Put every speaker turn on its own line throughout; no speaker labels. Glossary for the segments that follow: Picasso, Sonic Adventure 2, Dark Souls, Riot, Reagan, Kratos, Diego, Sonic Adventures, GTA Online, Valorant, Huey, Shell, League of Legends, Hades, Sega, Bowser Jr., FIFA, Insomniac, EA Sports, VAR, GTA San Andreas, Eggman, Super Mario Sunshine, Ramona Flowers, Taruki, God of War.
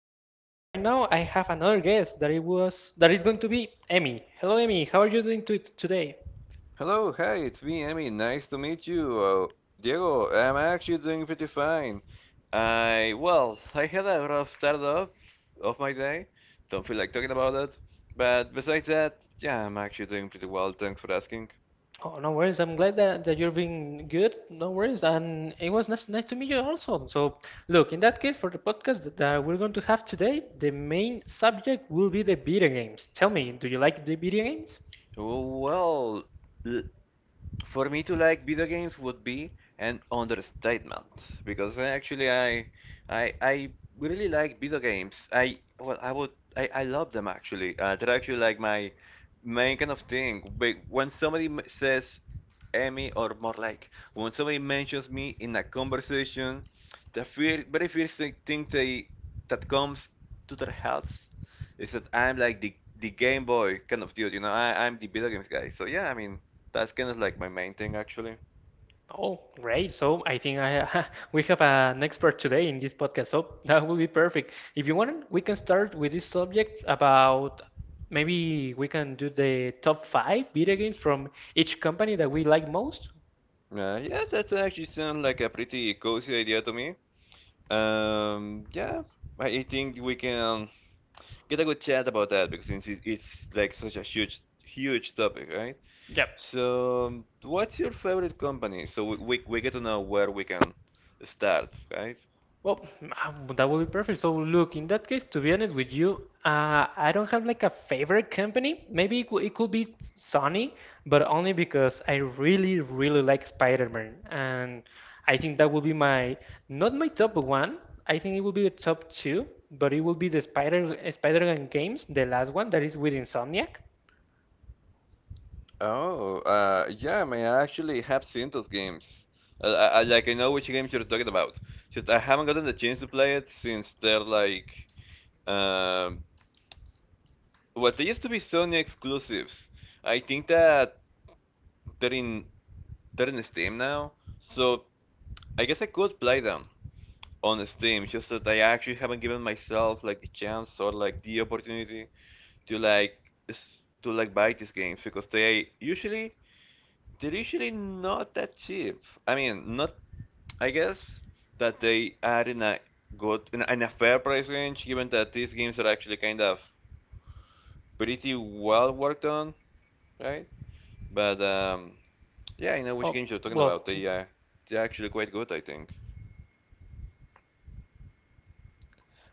Right now I have another guest that it was that is going to be Emmy. Hello, Emmy. How are you doing to today?
Hello, hi, it's me, Emmy. Nice to meet you. Diego, I'm actually doing pretty fine. I, well, I had a rough start off of my day. Don't feel like talking about it. But besides that, yeah, I'm actually doing pretty well. Thanks for asking.
Oh, no worries. I'm glad that you're being good. No worries. And it was nice to meet you also. So, look, in that case, for the podcast that we're going to have today, the main subject will be the video games. Tell me, do you like the video games?
Well, l- for me to like video games would be an understatement because I really like video games. I love them actually. They're actually like my main kind of thing. But when somebody says Emmy, or more like when somebody mentions me in a conversation, very first thing thing they that comes to their heads is that I'm like the Game Boy kind of dude. You know, I'm the video games guy. So yeah, That's kind of like my main thing actually.
Oh, great. So I think I we have an expert today in this podcast. So that will be perfect. If you want, we can start with this subject about maybe we can do the top five video games from each company that we like most.
Yeah, that actually sounds like a pretty cozy idea to me. Yeah, I think we can get a good chat about that because it's like such a huge topic, right?
Yep.
So, what's your favorite company? So we get to know where we can start, right?
Well, that would be perfect. So, look, in that case, to be honest with you, I don't have like a favorite company. Maybe it could be Sony, but only because I really, really like Spider-Man, and I think that will be my not my top one. I think it will be the top two, but it will be the Spider-Man games, the last one that is with Insomniac.
Oh, yeah, I mean, I actually have seen those games. Like, I know which games you're talking about. Just I haven't gotten the chance to play it since they're like, um, What they used to be Sony exclusives. I think that they're in they're in Steam now, so I guess I could play them on Steam. Just that I actually haven't given myself like the chance or like the opportunity to like buy these games because they're usually not that cheap. I mean, not I guess that they are in a in a fair price range, given that these games are actually kind of pretty well worked on, right? But yeah, I
Oh,
know which games you're talking
well.
about. They're actually quite good, I think.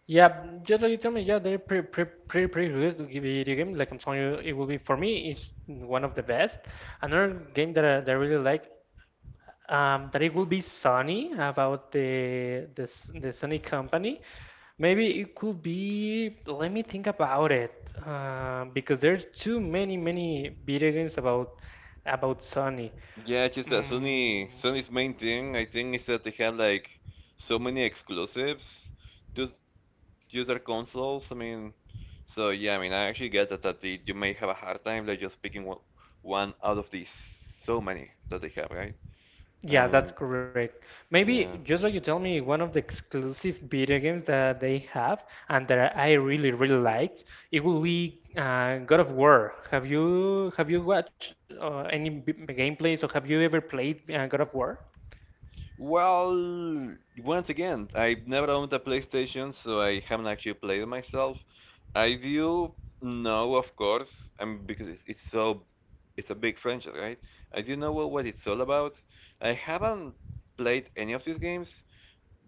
Yeah, just like you tell me, yeah, they're pretty good to give video game. Like I'm telling you, it will be for me. It's one of the best. Another game that I really like, that it will be Sony about the Sony company. Maybe it could be. Let me think about it, because there's too many video games about Sony.
Yeah, it's just that Sony
Mm,
Sony's main thing, I think, is that they have like so many exclusives to to their consoles. I mean, so yeah, I mean, I actually get that that they, you may have a hard time like just picking one, one out of these so many that they have, right?
Yeah,
Um,
that's correct.
yeah.
Maybe just like you tell me, one of the exclusive video games that they have and that I really liked, it will be God of War. Have you watched any gameplays, or have you ever played God of War?
Well, once again, I've never owned a PlayStation, so I haven't actually played it myself. I do know, of course, and because it's so, it's a big franchise, right? I do know what it's all about. I haven't played any of these games,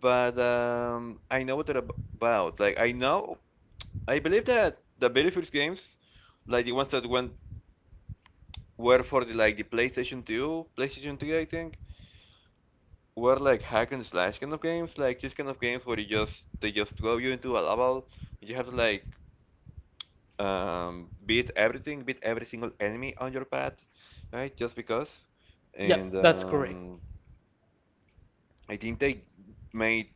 but I know what they're about. Like, I know, I believe that the very first games, like the ones that went were for the like the PlayStation 2, PlayStation 3, I think were like hack and slash kind of games, like these kind of games where you just they just throw you into a level. You have to like beat everything, beat every single enemy on your path, right? Just because.
Yeah,
And
that's correct.
I think made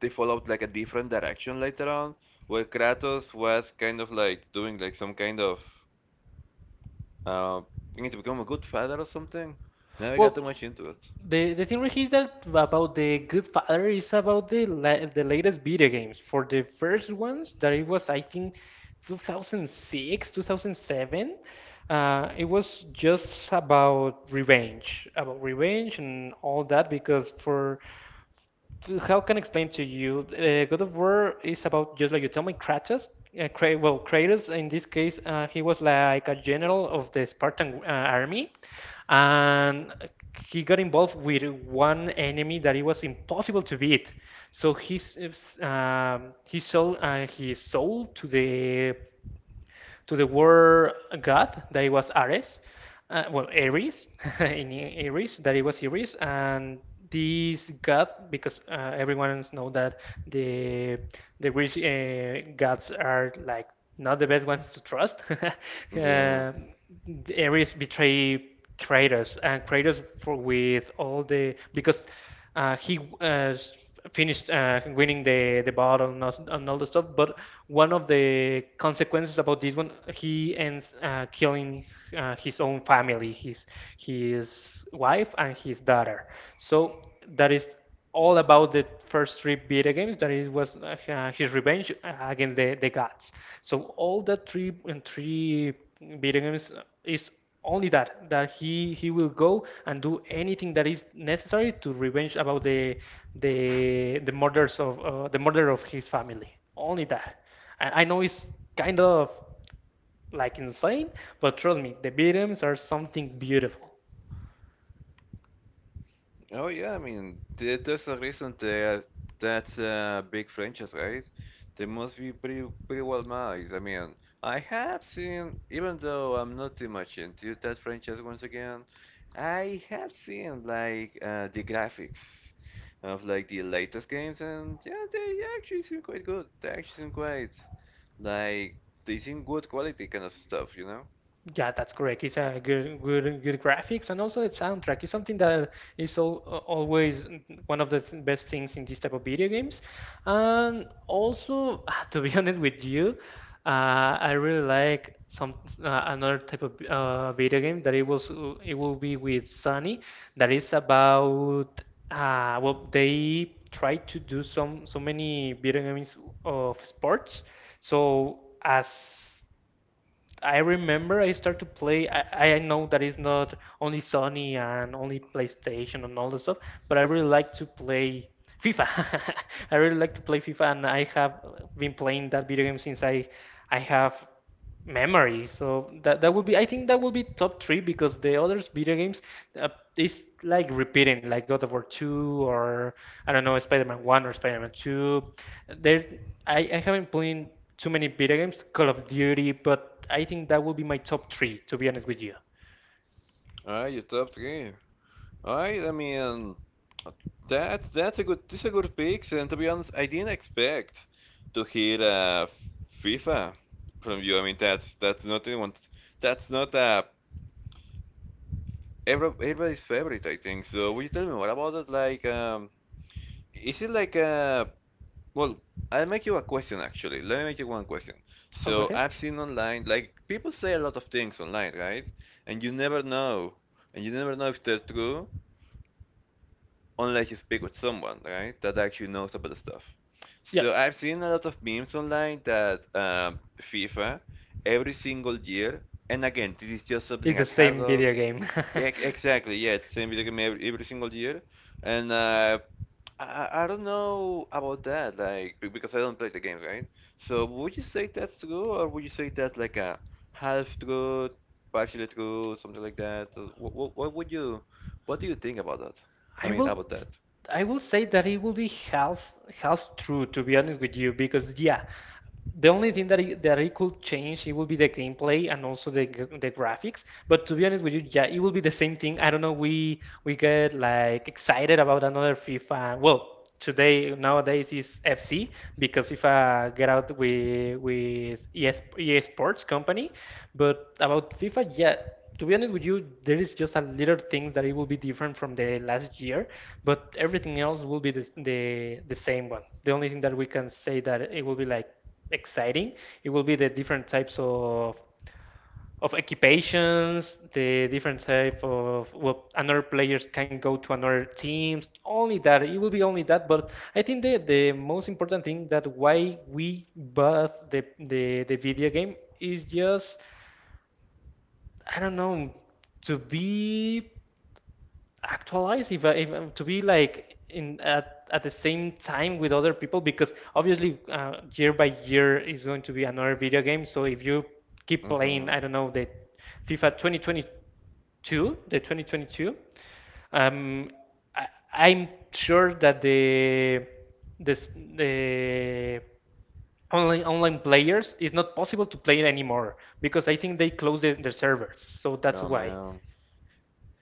they followed like a different direction later on, where Kratos was kind of like doing like some kind of uh, you need to become a good father or something. Never got too
Well,
much into it.
the thing here is that about the Good Father is about the latest video games. For the first ones, that it was I think 2006, 2007. It was just about revenge, and all that because how can I explain to you? God of War is about just like you tell me, Kratos. Kratos, in this case, he was like a general of the Spartan army, and he got involved with one enemy that it was impossible to beat. So he sold his soul to the war god that it was Ares, Ares in Ares that it was Ares, and this god because everyone knows that the the Greek gods are like not the best ones to trust.
Yeah.
uh, Ares betrayed Kratos, and Kratos for with all the because he finished winning the battle and all the stuff. But one of the consequences about this one, he ends killing his own family, his wife and his daughter. So that is all about the first three video games that it was his revenge against the gods, so all that three video games is only that he will go and do anything that is necessary to revenge about the murders of the murder of his family, only that. And I know it's kind of like insane, but trust me, the video games are something beautiful.
Oh yeah, I mean there's a reason that that's a big franchise, right? They must be pretty pretty well made. I mean, I have seen, even though I'm not too much into that franchise once again, I have seen like the graphics of like the latest games, and yeah, they actually seem quite good. They actually seem quite like they seem good quality kind of stuff, you know?
Yeah, that's correct. It's a good graphics, and also the soundtrack is something that is all, always one of the best things in this type of video games. And also, to be honest with you, I really like some another type of video game that it will be with Sony, that is about they try to do some so many video games of sports. So as I remember I started to play. I know that it's not only Sony and only PlayStation and all the stuff, but I really like to play FIFA. I really like to play FIFA, and I have been playing that video game since I have memory. So that that would be. I think that would be top three because the other video games uh, is like repeating, like God of War 2, or I don't know, Spider-Man 1 or Spider-Man 2. There's I haven't played too many video games, Call of Duty, but I think that will be my top three, to be honest with you.
Alright, your top three. I mean that that's a good these are good picks, and to be honest I didn't expect to hear FIFA from you. I mean that's not anyone, that's not everybody's favorite I think. So will you tell me more about it? Like is it like well I'll make you a question actually. Let me make you one question.
Oh, go
So
ahead.
I've seen online like people say a lot of things online, right? And you never know and you never know if they're true unless you speak with someone, right, that actually knows about the stuff.
Yeah,
So I've seen a lot of memes online that FIFA every single year, and again, this is just
it's
something
the
I've heard
same
of.
video game.
Yeah, exactly. Yeah, it's the same video game every single year, and I don't know about that, like because I don't play the games, right? So would you say that's true, or would you say that's like a half truth, partially true, something like that? What would you, what do you think about that? I
I
mean,
will
about that.
I will say that it will be half true, to be honest with you, because yeah, the only thing that it could change it would be the gameplay and also the graphics. But to be honest with you, yeah, it will be the same thing. I don't know. We get like excited about another FIFA. Well, today nowadays is FC, because FIFA get out with ES, EA Sports company. But about FIFA, yeah. To be honest with you, there is just a little things that it will be different from the last year, but everything else will be the same one. The only thing that we can say that it will be like exciting. It will be the different types of occupations, the different type of well, another players can go to another teams. Only that, it will be only that. But I think the most important thing that why we bought the video game is just I don't know, to be actualize if to be like at the same time with other people, because obviously year by year is going to be another video game. So if you keep playing,
Mm-hmm.
I don't know, the FIFA 2022, the 2022, um I, I'm sure that the online players is not possible to play it anymore, because I think they closed their servers.
Oh man.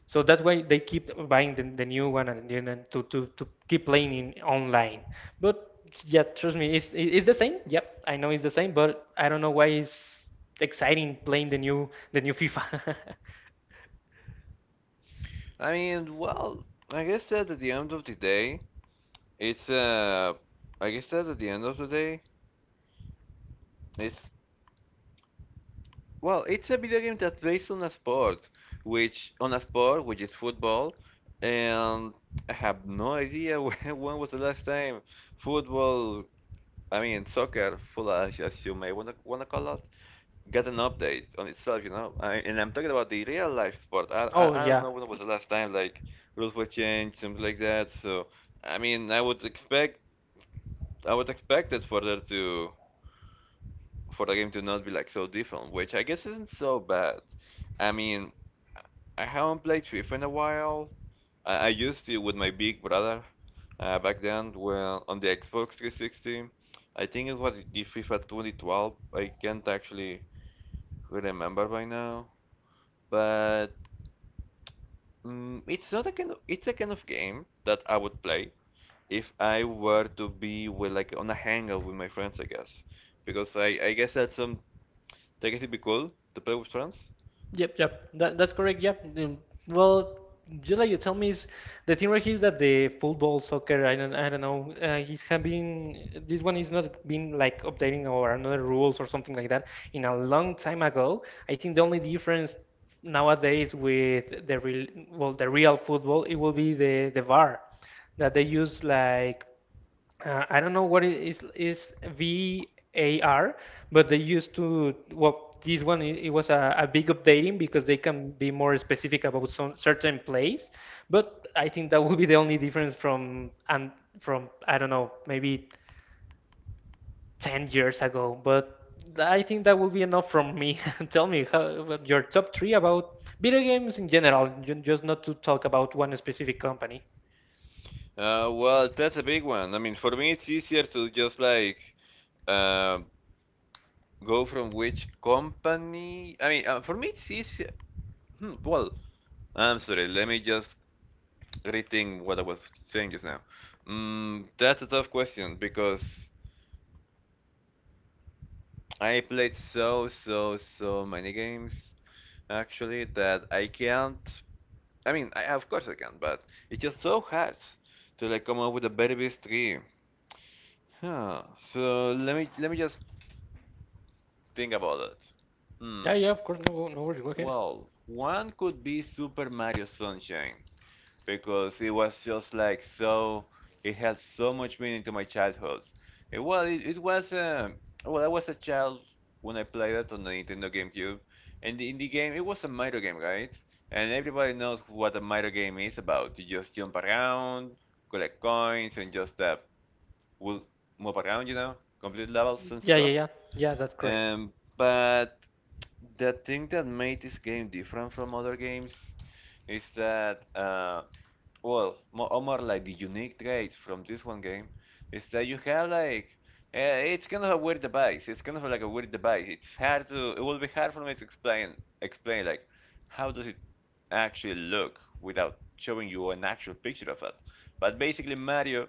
So that's why they keep buying the new one and the new one to keep playing in online. But yeah, trust me, it's, it's the same. Yep, I know it's the same, but I don't know why it's exciting playing the new FIFA.
I mean, well, I guess that at the end of the day, it's I guess that at the end of the day, it's well, it's a video game that's based on a sport, which is football, and I have no idea when was the last time football, I mean soccer, as you may want to call it, got an update on itself, you know. I, and I'm talking about the real life sport.
Oh
I don't
yeah,
know when was the last time like rules were changed, things like that. So I mean, I would expect it for there to for the game to not be like so different, which I guess isn't so bad. I mean, I haven't played FIFA in a while. I used to with my big brother back then when on the Xbox 360. I think it was the FIFA 2012. I can't actually remember by now, but mm, it's not a kind of it's a kind of game that I would play if I were to be with like on a hangout with my friends, I guess, because I guess at some take it be cool to play with trans?
Yep, That, that's correct. Yep. Well, just like you tell me, is the thing right here is that the football, soccer, I don't know. He's have been this one is not been like updating or another rules or something like that in a long time ago. I think the only difference nowadays with the real football, it will be the VAR that they use like, I don't know what it is VAR, but they used to, well, this one it was a big updating, because they can be more specific about some certain plays. But I think that will be the only difference from and from, I don't know, maybe 10 years ago. But I think that will be enough from me. Tell me how, what your top three about video games in general, just not to talk about one specific company.
Well, that's a big one. I mean, for me, it's easier to just like uh, go from which company. I mean, for me, it's easier. Hmm, well, I'm sorry. Let me just rethink what I was saying just now. Mm, that's a tough question because I played so many games actually that I can't. I mean, I, of course I can, but it's just so hard to like come up with the very best tree. Huh. So let me just think about it. Hmm.
Yeah, yeah, of course, no, no worries, go ahead.
Well, one could be Super Mario Sunshine because it was just like so. It had so much meaning to my childhood. It was a, well, I was a child when I played it on the Nintendo GameCube, and in the game it was a Mario game, right? And everybody knows what a Mario game is about. You just jump around, collect coins, and just will move around, you know, complete levels and
Yeah, yeah,
stuff.
yeah, yeah, that's correct.
But the thing that made this game different from other games is that, more like the unique traits from this one game is that you have like, it's kind of a weird device. It's kind of like a weird device. It will be hard for me to explain like, how does it actually look without showing you an actual picture of it. But basically, Mario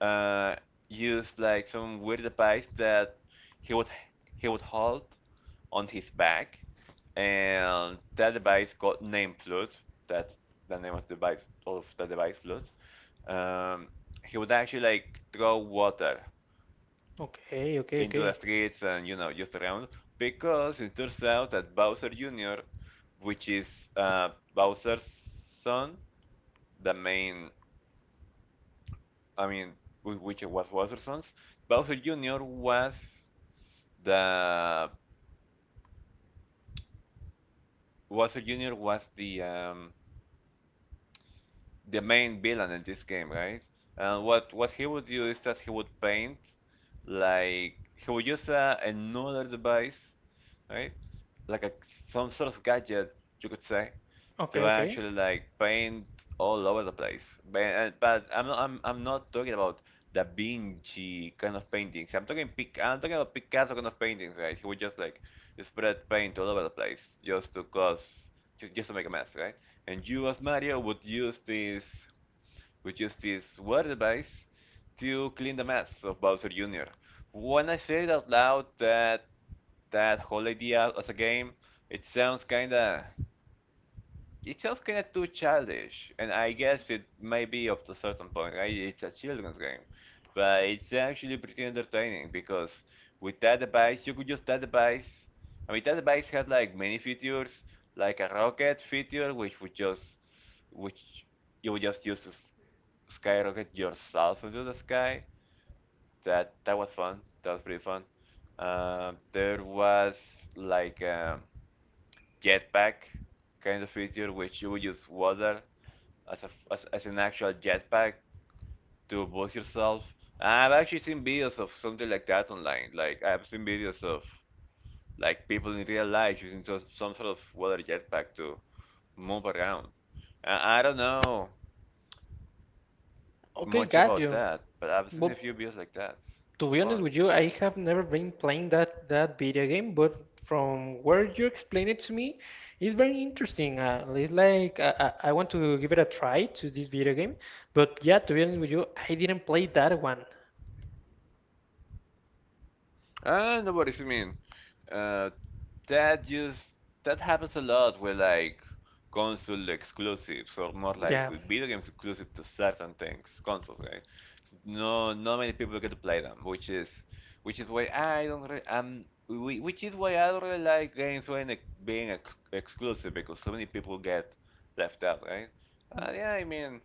uh, used like some weird device that he would he would hold on his back, and that device got named Flood. That's the name of the device Flood. Um, he would actually like throw water into the
Okay.
streets and you know just around because it turns out that Bowser Jr., which is Bowser's son, the main, I mean, which was Bowser's son's, Bowser Jr. was the Bowser Jr. was the main villain in this game, right? And what he would do is that he would paint like he would use another device, right? Like a some sort of gadget, you could say, to
Okay.
actually like paint all over the place. But I'm not I'm not talking about Da Vinci kind of paintings. I'm talking about Picasso kind of paintings, right? He would just like spread paint all over the place just to cause just to make a mess, right? And you as Mario would use this we use this word device to clean the mess of Bowser Jr. When I say it out loud, that that whole idea as a game, it sounds kinda it sounds kind of too childish, and I guess it may be up to a certain point, right? It's a children's game, but it's actually pretty entertaining because with that device, you could use that device. I mean, that device had like many features, like a rocket feature, which you would just use to skyrocket yourself into the sky. That was fun. That was pretty fun. There was like a jetpack kind of feature, which you would use water as an actual jetpack to boost yourself. I've actually seen videos of something like that online. Like I've seen videos of like people in real life using some sort of weather jetpack to move around. I don't know
Okay,
much
got
about
you.
that, but I've seen a
Well,
few videos like that.
to
It's
be honest
fun.
with you, I have never been playing that video game, but from where you explain it to me, it's very interesting. It's like I want to give it a try to this video game, but yeah, to be honest with you, I didn't play that one.
No, what does it mean? Uh, that just that happens a lot with like console exclusives or more like
Yeah,
with video games exclusive to certain things, consoles, right? No, not many people get to play them, which is why I don't really, which is why I don't really like games being exclusive because so many people get left out, right? Yeah, I mean,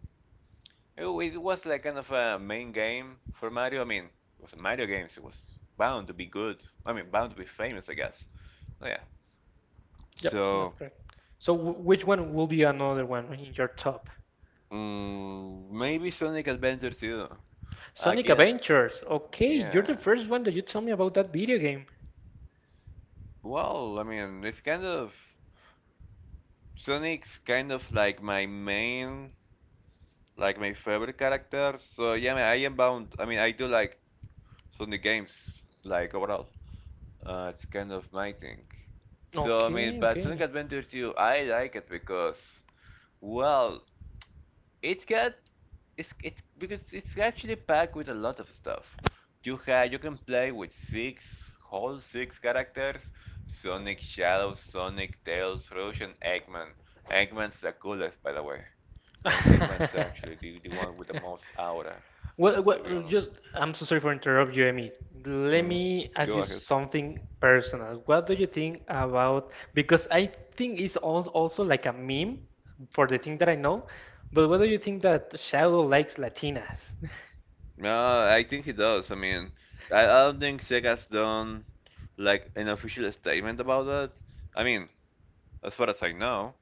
it was like kind of a main game for Mario. I mean, it was a Mario game, so it was bound to be good. I mean, bound to be famous, I guess. So, yeah.
yep, that's
So,
correct. So w which one will be another one in your top?
maybe Sonic Adventure 2.
Sonic
Again,
Adventures. Okay, you're the
yeah.
first one that you tell me about that video game.
Well, I mean, it's kind of. Sonic's kind of like my main, like my favorite character. So, yeah, I am bound. I mean, I do like Sonic games, like overall. It's kind of my thing. So I mean, but Sonic
Okay.
Adventure 2, I like it because, well, it's got it's because it's actually packed with a lot of stuff. You can play with six whole six characters: Sonic, Shadow, Sonic, Tails, Rouge, and Eggman. Eggman's the coolest, by the way. Eggman's actually the one with the most aura,
Well,
to be
well,
honest.
just I'm so sorry for interrupt you, Amy. Let
Hmm.
me ask you
Go ahead.
something personal. What do you think about, because I think it's also like a meme for the thing that I know, but what do you think that Shadow likes Latinas?
No, I think he does. I mean, I don't think Sega's done like an official statement about that. I mean, as far as I know,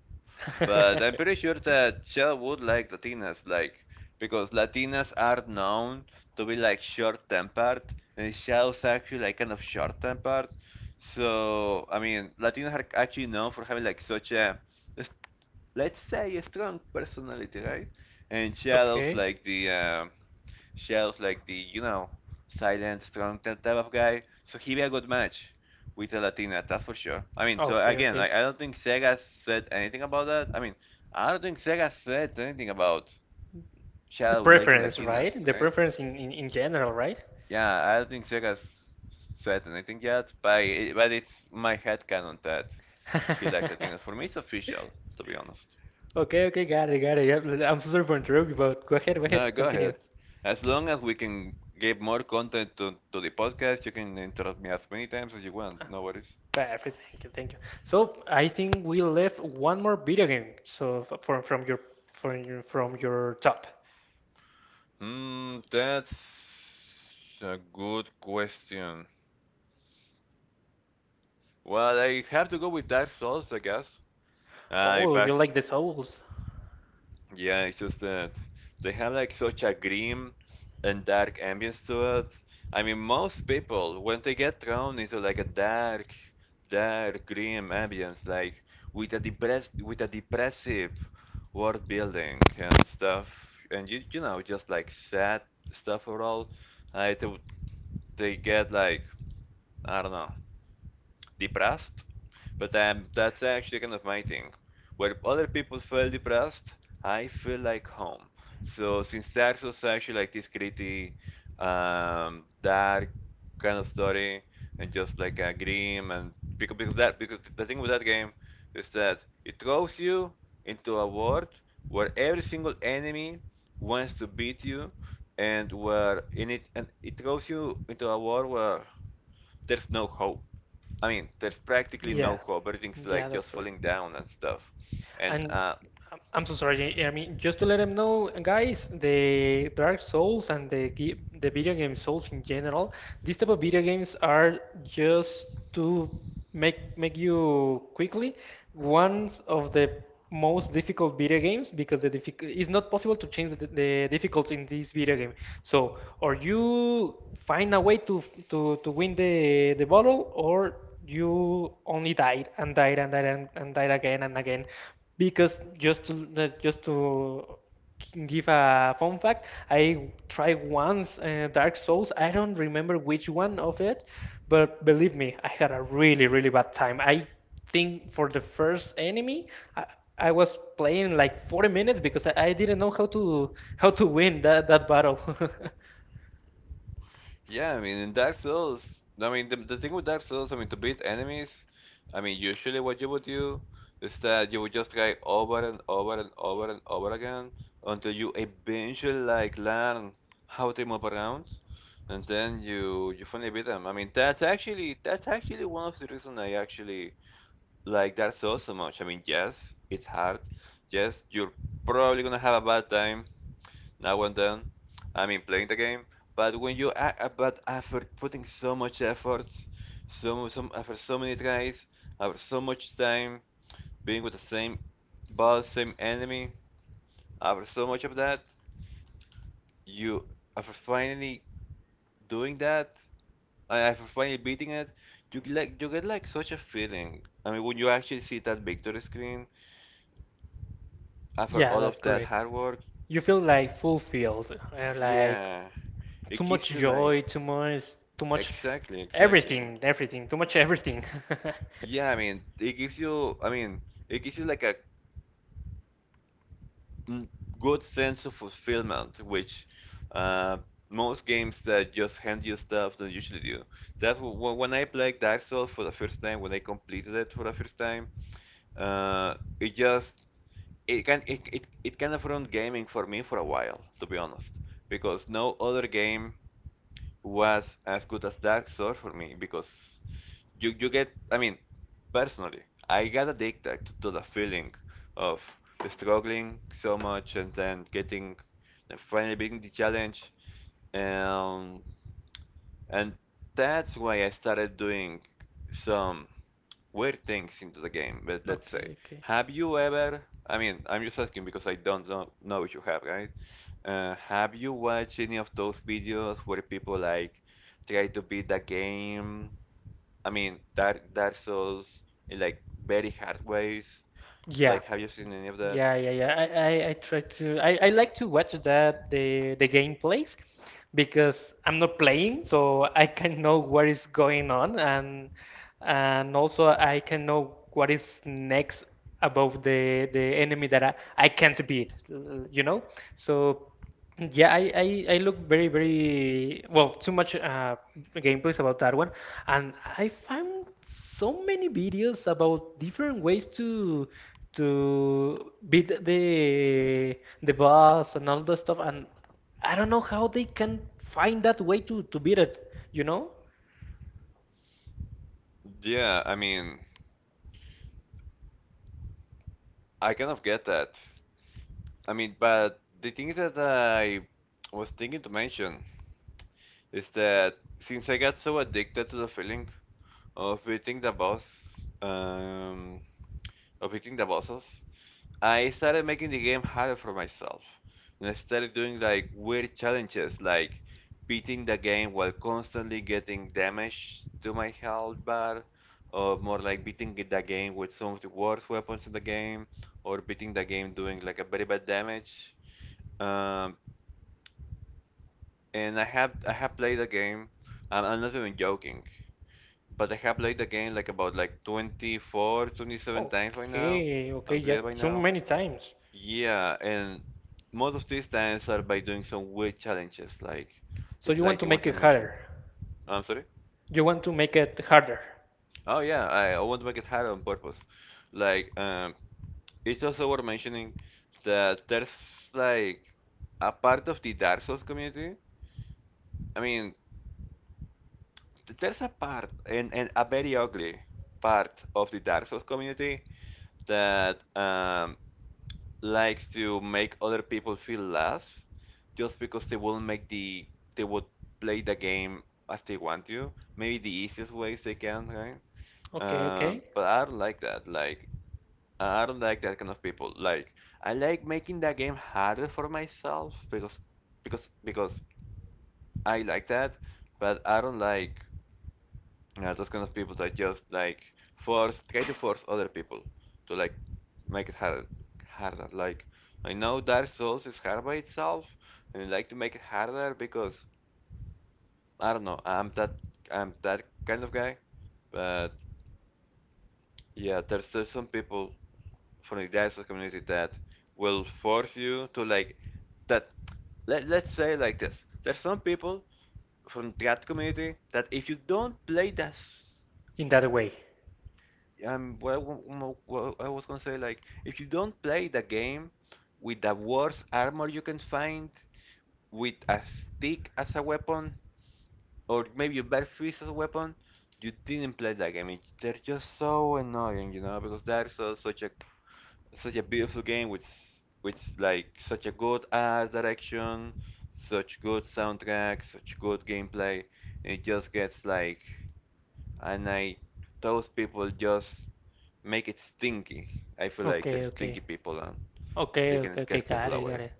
but I'm pretty sure that Shell would like Latinas, like because Latinas are known to be like short-tempered, and Shell's actually like kind of short-tempered. So I mean, Latinas are actually known for having like such a, s- let's say, a strong personality, right? And
Okay,
Shell's like the, you know, silent, strong type of guy. So he'd be a good match with a Latina, that's for sure. I mean, so again,
okay.
like, I don't think Sega said anything about that. I mean, I don't think Sega said anything about
The
Shell liking
preference,
Latinas,
right? The
right?
preference in general, right?
Yeah, I don't think Sega's said anything yet, but it, but it's my headcanon that he likes Latinas. For me, it's official, to be honest.
Okay, got it. Yeah, I'm so sorry for interrupting you, but go ahead,
No, go
continue.
ahead. As long as we can give more content to the podcast, you can interrupt me as many times as you want. No worries.
Perfect. Thank you. So I think we left one more video game. So from from your top.
Hmm, that's a good question. Well, I have to go with Dark Souls, I guess. I
Oh,
back.
you like the Souls?
Yeah, it's just that they have like such a grim and dark ambience to it. I mean, most people, when they get thrown into like a dark, dark, grim ambience, like with a depressed, with a depressive world building and stuff, and you know, just like sad stuff overall, I, they, they get like, I don't know, depressed, but that's actually kind of my thing. Where other people feel depressed, I feel like home. So since Dark Souls is actually like this gritty, dark kind of story, and just like a grim and because the thing with that game is that it throws you into a world where every single enemy wants to beat you, and where in it and it throws you into a world where there's no hope. I mean, there's practically
Yeah.
no hope. Everything's
Yeah,
like
that's
just
correct.
falling down and stuff. And
And I'm so sorry. I mean, just to let them know, guys, the Dark Souls and the video game Souls in general, these type of video games are just to make you quickly one of the most difficult video games because the diffic it's not possible to change the difficulty in this video game. So, or you find a way to to win the battle, or you only died and died and died and died again and again. Because just to give a fun fact, I tried once Dark Souls. I don't remember which one of it, but believe me, I had a really really bad time. I think for the first enemy, I, I was playing like 40 minutes because I didn't know how to win that battle.
yeah, I mean, in Dark Souls, I mean, the thing with Dark Souls, I mean, to beat enemies, I mean, usually what you would do is that you would just try over and over and over and over again until you eventually like learn how they move around, and then you finally beat them. I mean, that's actually one of the reasons I actually like that's so so much. I mean, yes, it's hard. Yes, you're probably gonna have a bad time now and then. I mean, playing the game. But when you a- but after putting so much effort, so some after so many tries, after so much time being with the same boss, same enemy, after so much of that, you after finally doing that, and after finally beating it, you get like such a feeling. I mean, when you actually see that victory screen after
Yeah,
all of
that's
that
correct.
hard work,
You feel like fulfilled, like
yeah,
too
it
much
gives you like
joy, too much
exactly, exactly.
everything, too much everything.
Yeah, I mean, it gives you, I mean, it gives you like a mm, good sense of fulfillment, which uh, most games that just hand you stuff don't usually do. That's when I played Dark Souls for the first time, when I completed it for the first time, it just it can it, it, it kind of ruined gaming for me for a while, to be honest, because no other game was as good as Dark Souls for me because you get I mean personally I got addicted to the feeling of struggling so much and then getting finally beating the challenge. Um, and that's why I started doing some weird things into the game. But let's say,
Okay, okay.
have you ever? I mean, I'm just asking because I don't know if you have, right? Have you watched any of those videos where people like try to beat the game? I mean, Dark Souls in like very hard ways.
Yeah.
Like, have you seen any of that?
Yeah, yeah, yeah. I try to. I like to watch that the gameplays because I'm not playing, so I can know what is going on, and also I can know what is next above the enemy that I can't beat, you know? So yeah, I look very very well too much gameplays about that one, and I found so many videos about different ways to beat the boss and all that stuff, and I don't know how they can find that way to beat it, you know?
Yeah, I mean, I kind of get that. I mean, but the thing that I was thinking to mention is that since I got so addicted to the feeling of beating the boss, um, of beating the bosses, I started making the game harder for myself. And I started doing like weird challenges, like beating the game while constantly getting damage to my health bar, or more like beating the game with some of the worst weapons in the game, or beating the game doing like a very bad damage. Um, and I have played the game. I'm not even joking, but I have played the game like about like 24, 27 times by now.
Okay, okay,
I'm
yeah,
clear by
so
now.
many times.
Yeah, and most of these times are by doing some weird challenges, like
So you want
like
to
the ones
make
I
it
mentioned.
harder.
No, I'm sorry.
You want to make it harder.
Oh yeah, I want to make it harder on purpose. Like it's also worth mentioning that there's like a part of the Dark Souls community. I mean, there's a part, and a very ugly part of the Dark Souls community that likes to make other people feel less just because they would play the game as they want to, maybe the easiest ways they can, right?
Okay, okay.
But I don't like that. Like I don't like that kind of people. Like I like making the game harder for myself because because because I like that, but I don't like, yeah, those kind of people that just like try to force other people to like make it harder, harder. Like I know Dark Souls is hard by itself, and I like to make it harder because I don't know, I'm that kind of guy. But yeah, there's some people from the Dark Souls community that will force you to like that. Let's say like this: there's some people from that community that if you don't play that
In that way.
well, I was gonna say like if you don't play the game with the worst armor you can find, with a stick as a weapon, or maybe a bad fist as a weapon, you didn't play that game. It, they're just so annoying, you know, because they're so such a such a beautiful game with with like such a good art direction, such good soundtrack, such good gameplay, and it just gets like and I those people just make it stinky. I feel like they're
Okay, okay.
stinky people, and
Okay,
they can
okay,
scare
okay,
people
got it, got
away.
it.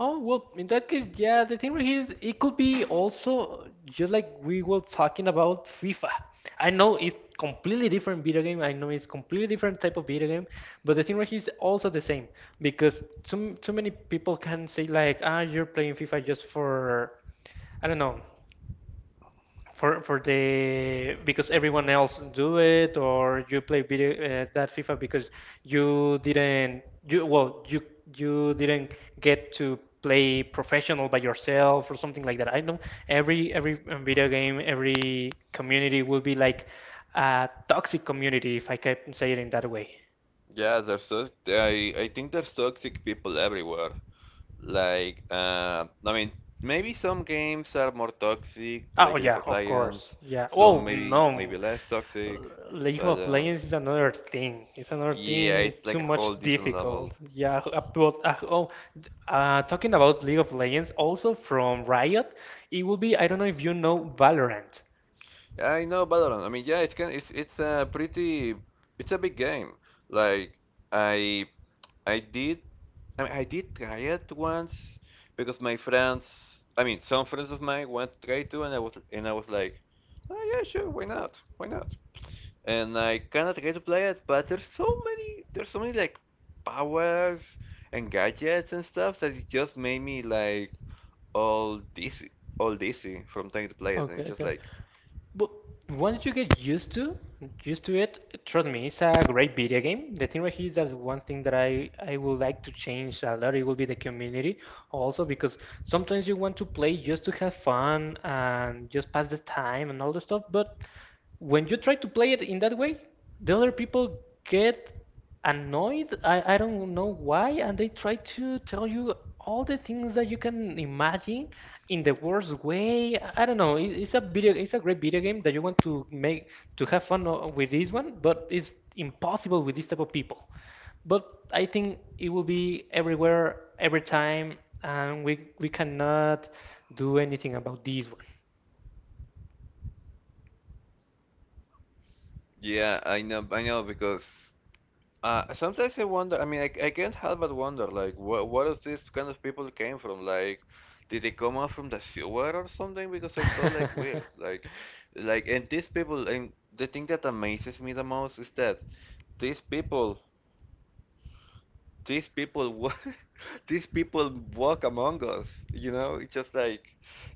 Oh, well, in that case, yeah, the thing right here is it could be also just like we were talking about FIFA. I know it's completely different video game. I know it's completely different type of video game, but the thing right here is also the same because too many people can say like, ah, you're playing FIFA just for, I don't know, for the because everyone else do it, or you play video that FIFA because you didn't you well you didn't get to play professional by yourself or something like that. I know every video game, every community will be like a toxic community if I can say it in that way.
Yeah, I think there's toxic people everywhere. Like I mean, maybe some games are more toxic,
Oh
like League
yeah,
of
of
Legends.
course. Yeah.
Some
Oh no,
maybe less toxic,
League
but
of Legends is another thing. It's another
yeah,
thing,
it's like
too
a
much
whole different
difficult.
level.
Yeah, but oh, talking about League of Legends, also from Riot, it will be, I don't know if you know Valorant.
I know Valorant. I mean, yeah, it's a pretty it's a big game. Like I I did. I mean, I did try it once because my friends, some friends of mine want to try to, and I was like, oh yeah, sure, why not? Why not? And I kind of tried to play it, but there's so many like powers and gadgets and stuff that it just made me like all dizzy, all dizzy from trying to play it, and
Okay,
it's just
okay.
like,
But once you get used to it, trust me, it's a great video game. The thing right here is that one thing that I would like to change a lot. It will be the community, also because sometimes you want to play just to have fun and just pass the time and all the stuff, but when you try to play it in that way, the other people get annoyed. I don't know why, and they try to tell you all the things that you can imagine in the worst way. I don't know. It, it's a video. It's a great video game that you want to make to have fun with this one, but it's impossible with this type of people. But I think it will be everywhere, every time, and we cannot do anything about this one.
yeah, I know because sometimes I wonder. I can't help but wonder, like, what of these kind of people came from? Like, did they come out from the sewer or something? Because they're so like weird. And these people, and the thing that amazes me the most is that these people, these people, wa- these people walk among us. You know, it's just like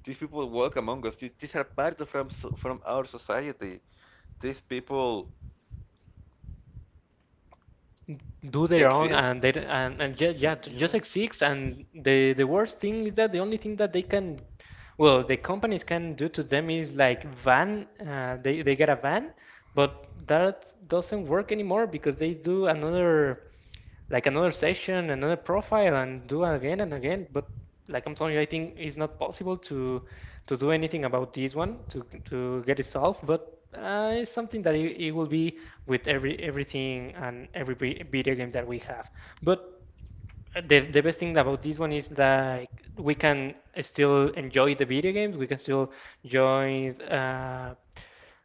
these people walk among us. These are part of from from our society. These people
Do their own
exist.
and they and just, yeah,
You
just
know?
exist, and the worst thing is that the only thing that they can, well, the companies can do to them is like van, they get a van, but that doesn't work anymore because they do another, like another session, another profile, and do again and again. But like I'm telling you, I think it's not possible to do anything about this one to get it solved. But it's something that it will be with everything and every video game that we have. But the best thing about this one is that we can still enjoy the video games. We can still join.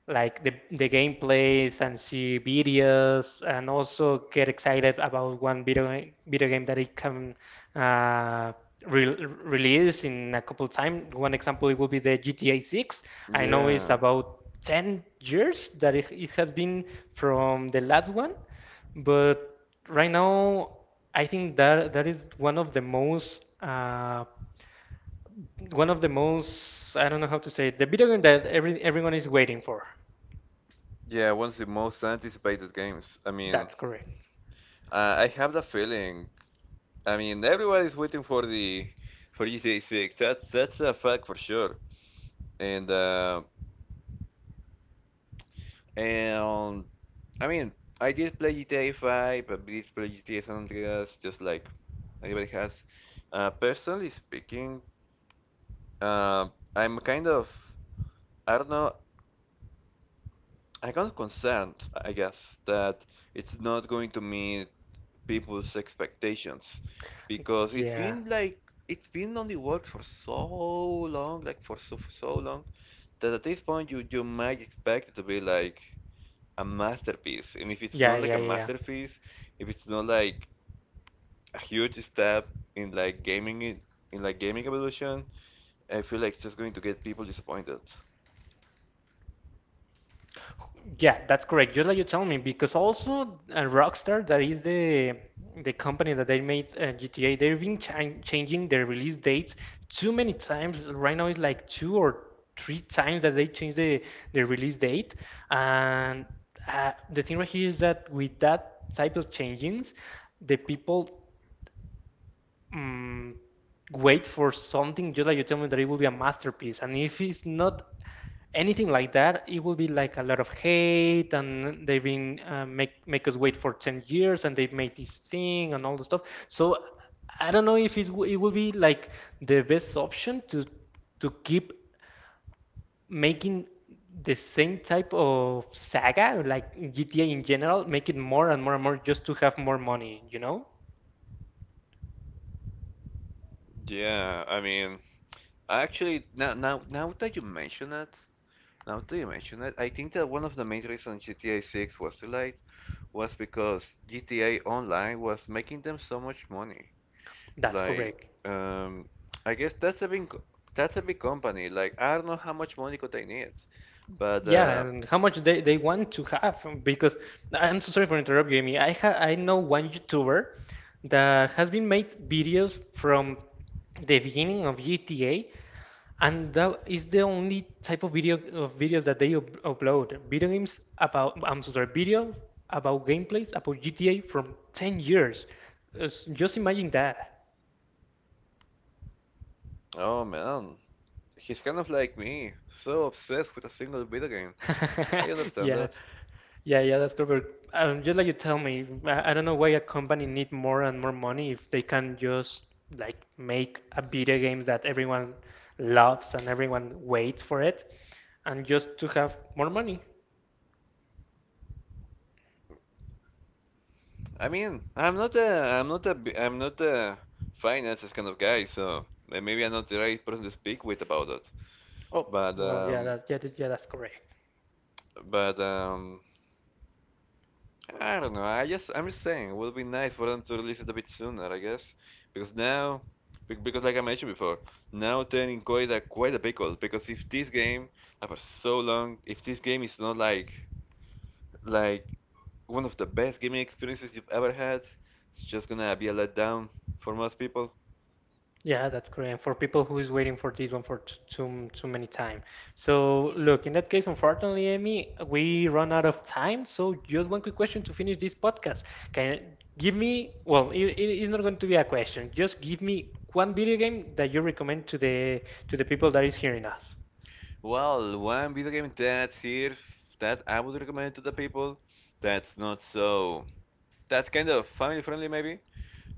Like the gameplays and see videos and also get excited about one video game that it can uh, re release in a couple time. One example it will be the GTA 6. I know it's
Yeah.
about 10 years that it has been from the last one, but right now I think that that is one of the most one of the most, I don't know how to say it, the video game that everyone is waiting for.
Yeah, one of the most anticipated games.
That's correct.
I have the feeling. I mean, everyone is waiting for the for GTA 6. That's a fact for sure. And uh, and I mean, I did play GTA 5. I did play GTA San Andreas, just like anybody has. Personally speaking, uh, I'm kind of I don't know. I kind of concerned, I guess, that it's not going to meet people's expectations because it's
Yeah,
been like it's been on the works for so long, like for so long, that at this point you might expect it to be like a masterpiece. And if it's
yeah,
not like
yeah,
a
yeah, yeah.
masterpiece, if it's not like a huge step in like gaming in, in like gaming evolution, I feel like it's just going to get people disappointed.
Yeah, that's correct. Just like you tell me, because also Rockstar, that is the company that they made GTA, they've been changing their release dates too many times. Right now, it's like two or three times that they change the release date. And the thing right here is that with that type of changings, the people um, wait for something just like you tell me, that it will be a masterpiece. And if it's not anything like that, it will be like a lot of hate, and they've been make us wait for 10 years, and they've made this thing and all the stuff. So I don't know if it will be like the best option to keep making the same type of saga, like GTA in general, make it more and more and more just to have more money, you know?
Yeah, I mean. Actually, now that you mention it, now that you mention it, I think that one of the main reasons GTA 6 was delayed was because GTA Online was making them so much money.
That's correct.
Like, I guess that's a big that's a big company. Like, I don't know how much money could they need, but
Yeah, and how much they want to have, because I'm so sorry for interrupting you, Amy. I know one YouTuber that has been made videos from the beginning of GTA, and that is the only type of videos that they up upload. Video games about, I'm so sorry, video about gameplays about GTA from 10 years. Just imagine that.
oh man, he's kind of like me, so obsessed with a single video game. I understand
Yeah.
that.
Yeah, yeah, that's correct. Just like you tell me, I don't know why a company need more and more money if they can just like make a video games that everyone loves and everyone waits for it, and just to have more money.
I mean, I'm not a, b- I'm not a finances kind of guy, so maybe I'm not the right person to speak with about it.
Oh,
But,
well, yeah,
um,
yeah, that's correct.
but, I don't know. I'm just saying, it would be nice for them to release it a bit sooner, I guess, because now, because like I mentioned before, now turning quite a pickle. Because if this game, after so long, if this game is not like, like one of the best gaming experiences you've ever had, it's just gonna be a letdown for most people.
Yeah, that's correct. And for people who is waiting for this one for too too many time. So look, in that case, unfortunately, Amy, we run out of time. So just one quick question to finish this podcast. Can give me, well, it is not going to be a question. Just give me one video game that you recommend to the people that is hearing us.
Well, one video game that's here f- that I would recommend to the people that's not so that's kind of family friendly maybe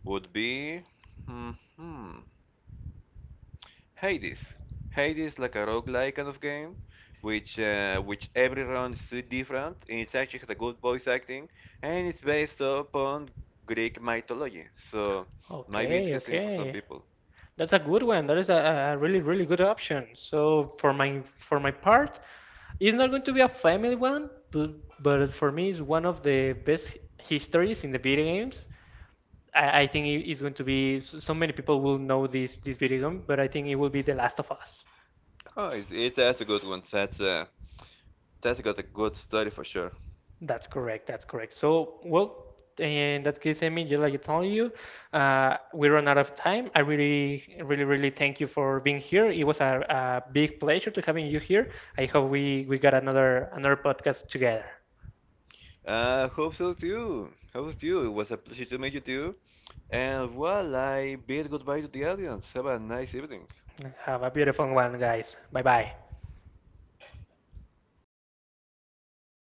would be hmm, hmm, Hades. Hades like a roguelike kind of game which every round is different and it's actually has a good voice acting and it's based upon Greek mythology. So might be
Okay,
interesting for some
okay.
people.
That's a good one. That is a, a really, really good option. So for my part, it's not going to be a family one, but for me, it's one of the best histories in the video games. I think it's going to be, so many people will know this video game, but I think it will be The Last of Us.
That's a good one. That's got a good story for sure.
That's correct. That's correct. So, well, in that case, Amy, just like I told you, we run out of time. I really, really, really thank you for being here. It was a big pleasure to having you here. I hope we got another podcast together.
Hope so too. Hope so too. It was a pleasure to meet you too. And well, I bid goodbye to the audience. Have a nice evening.
Have a beautiful one, guys. Bye bye.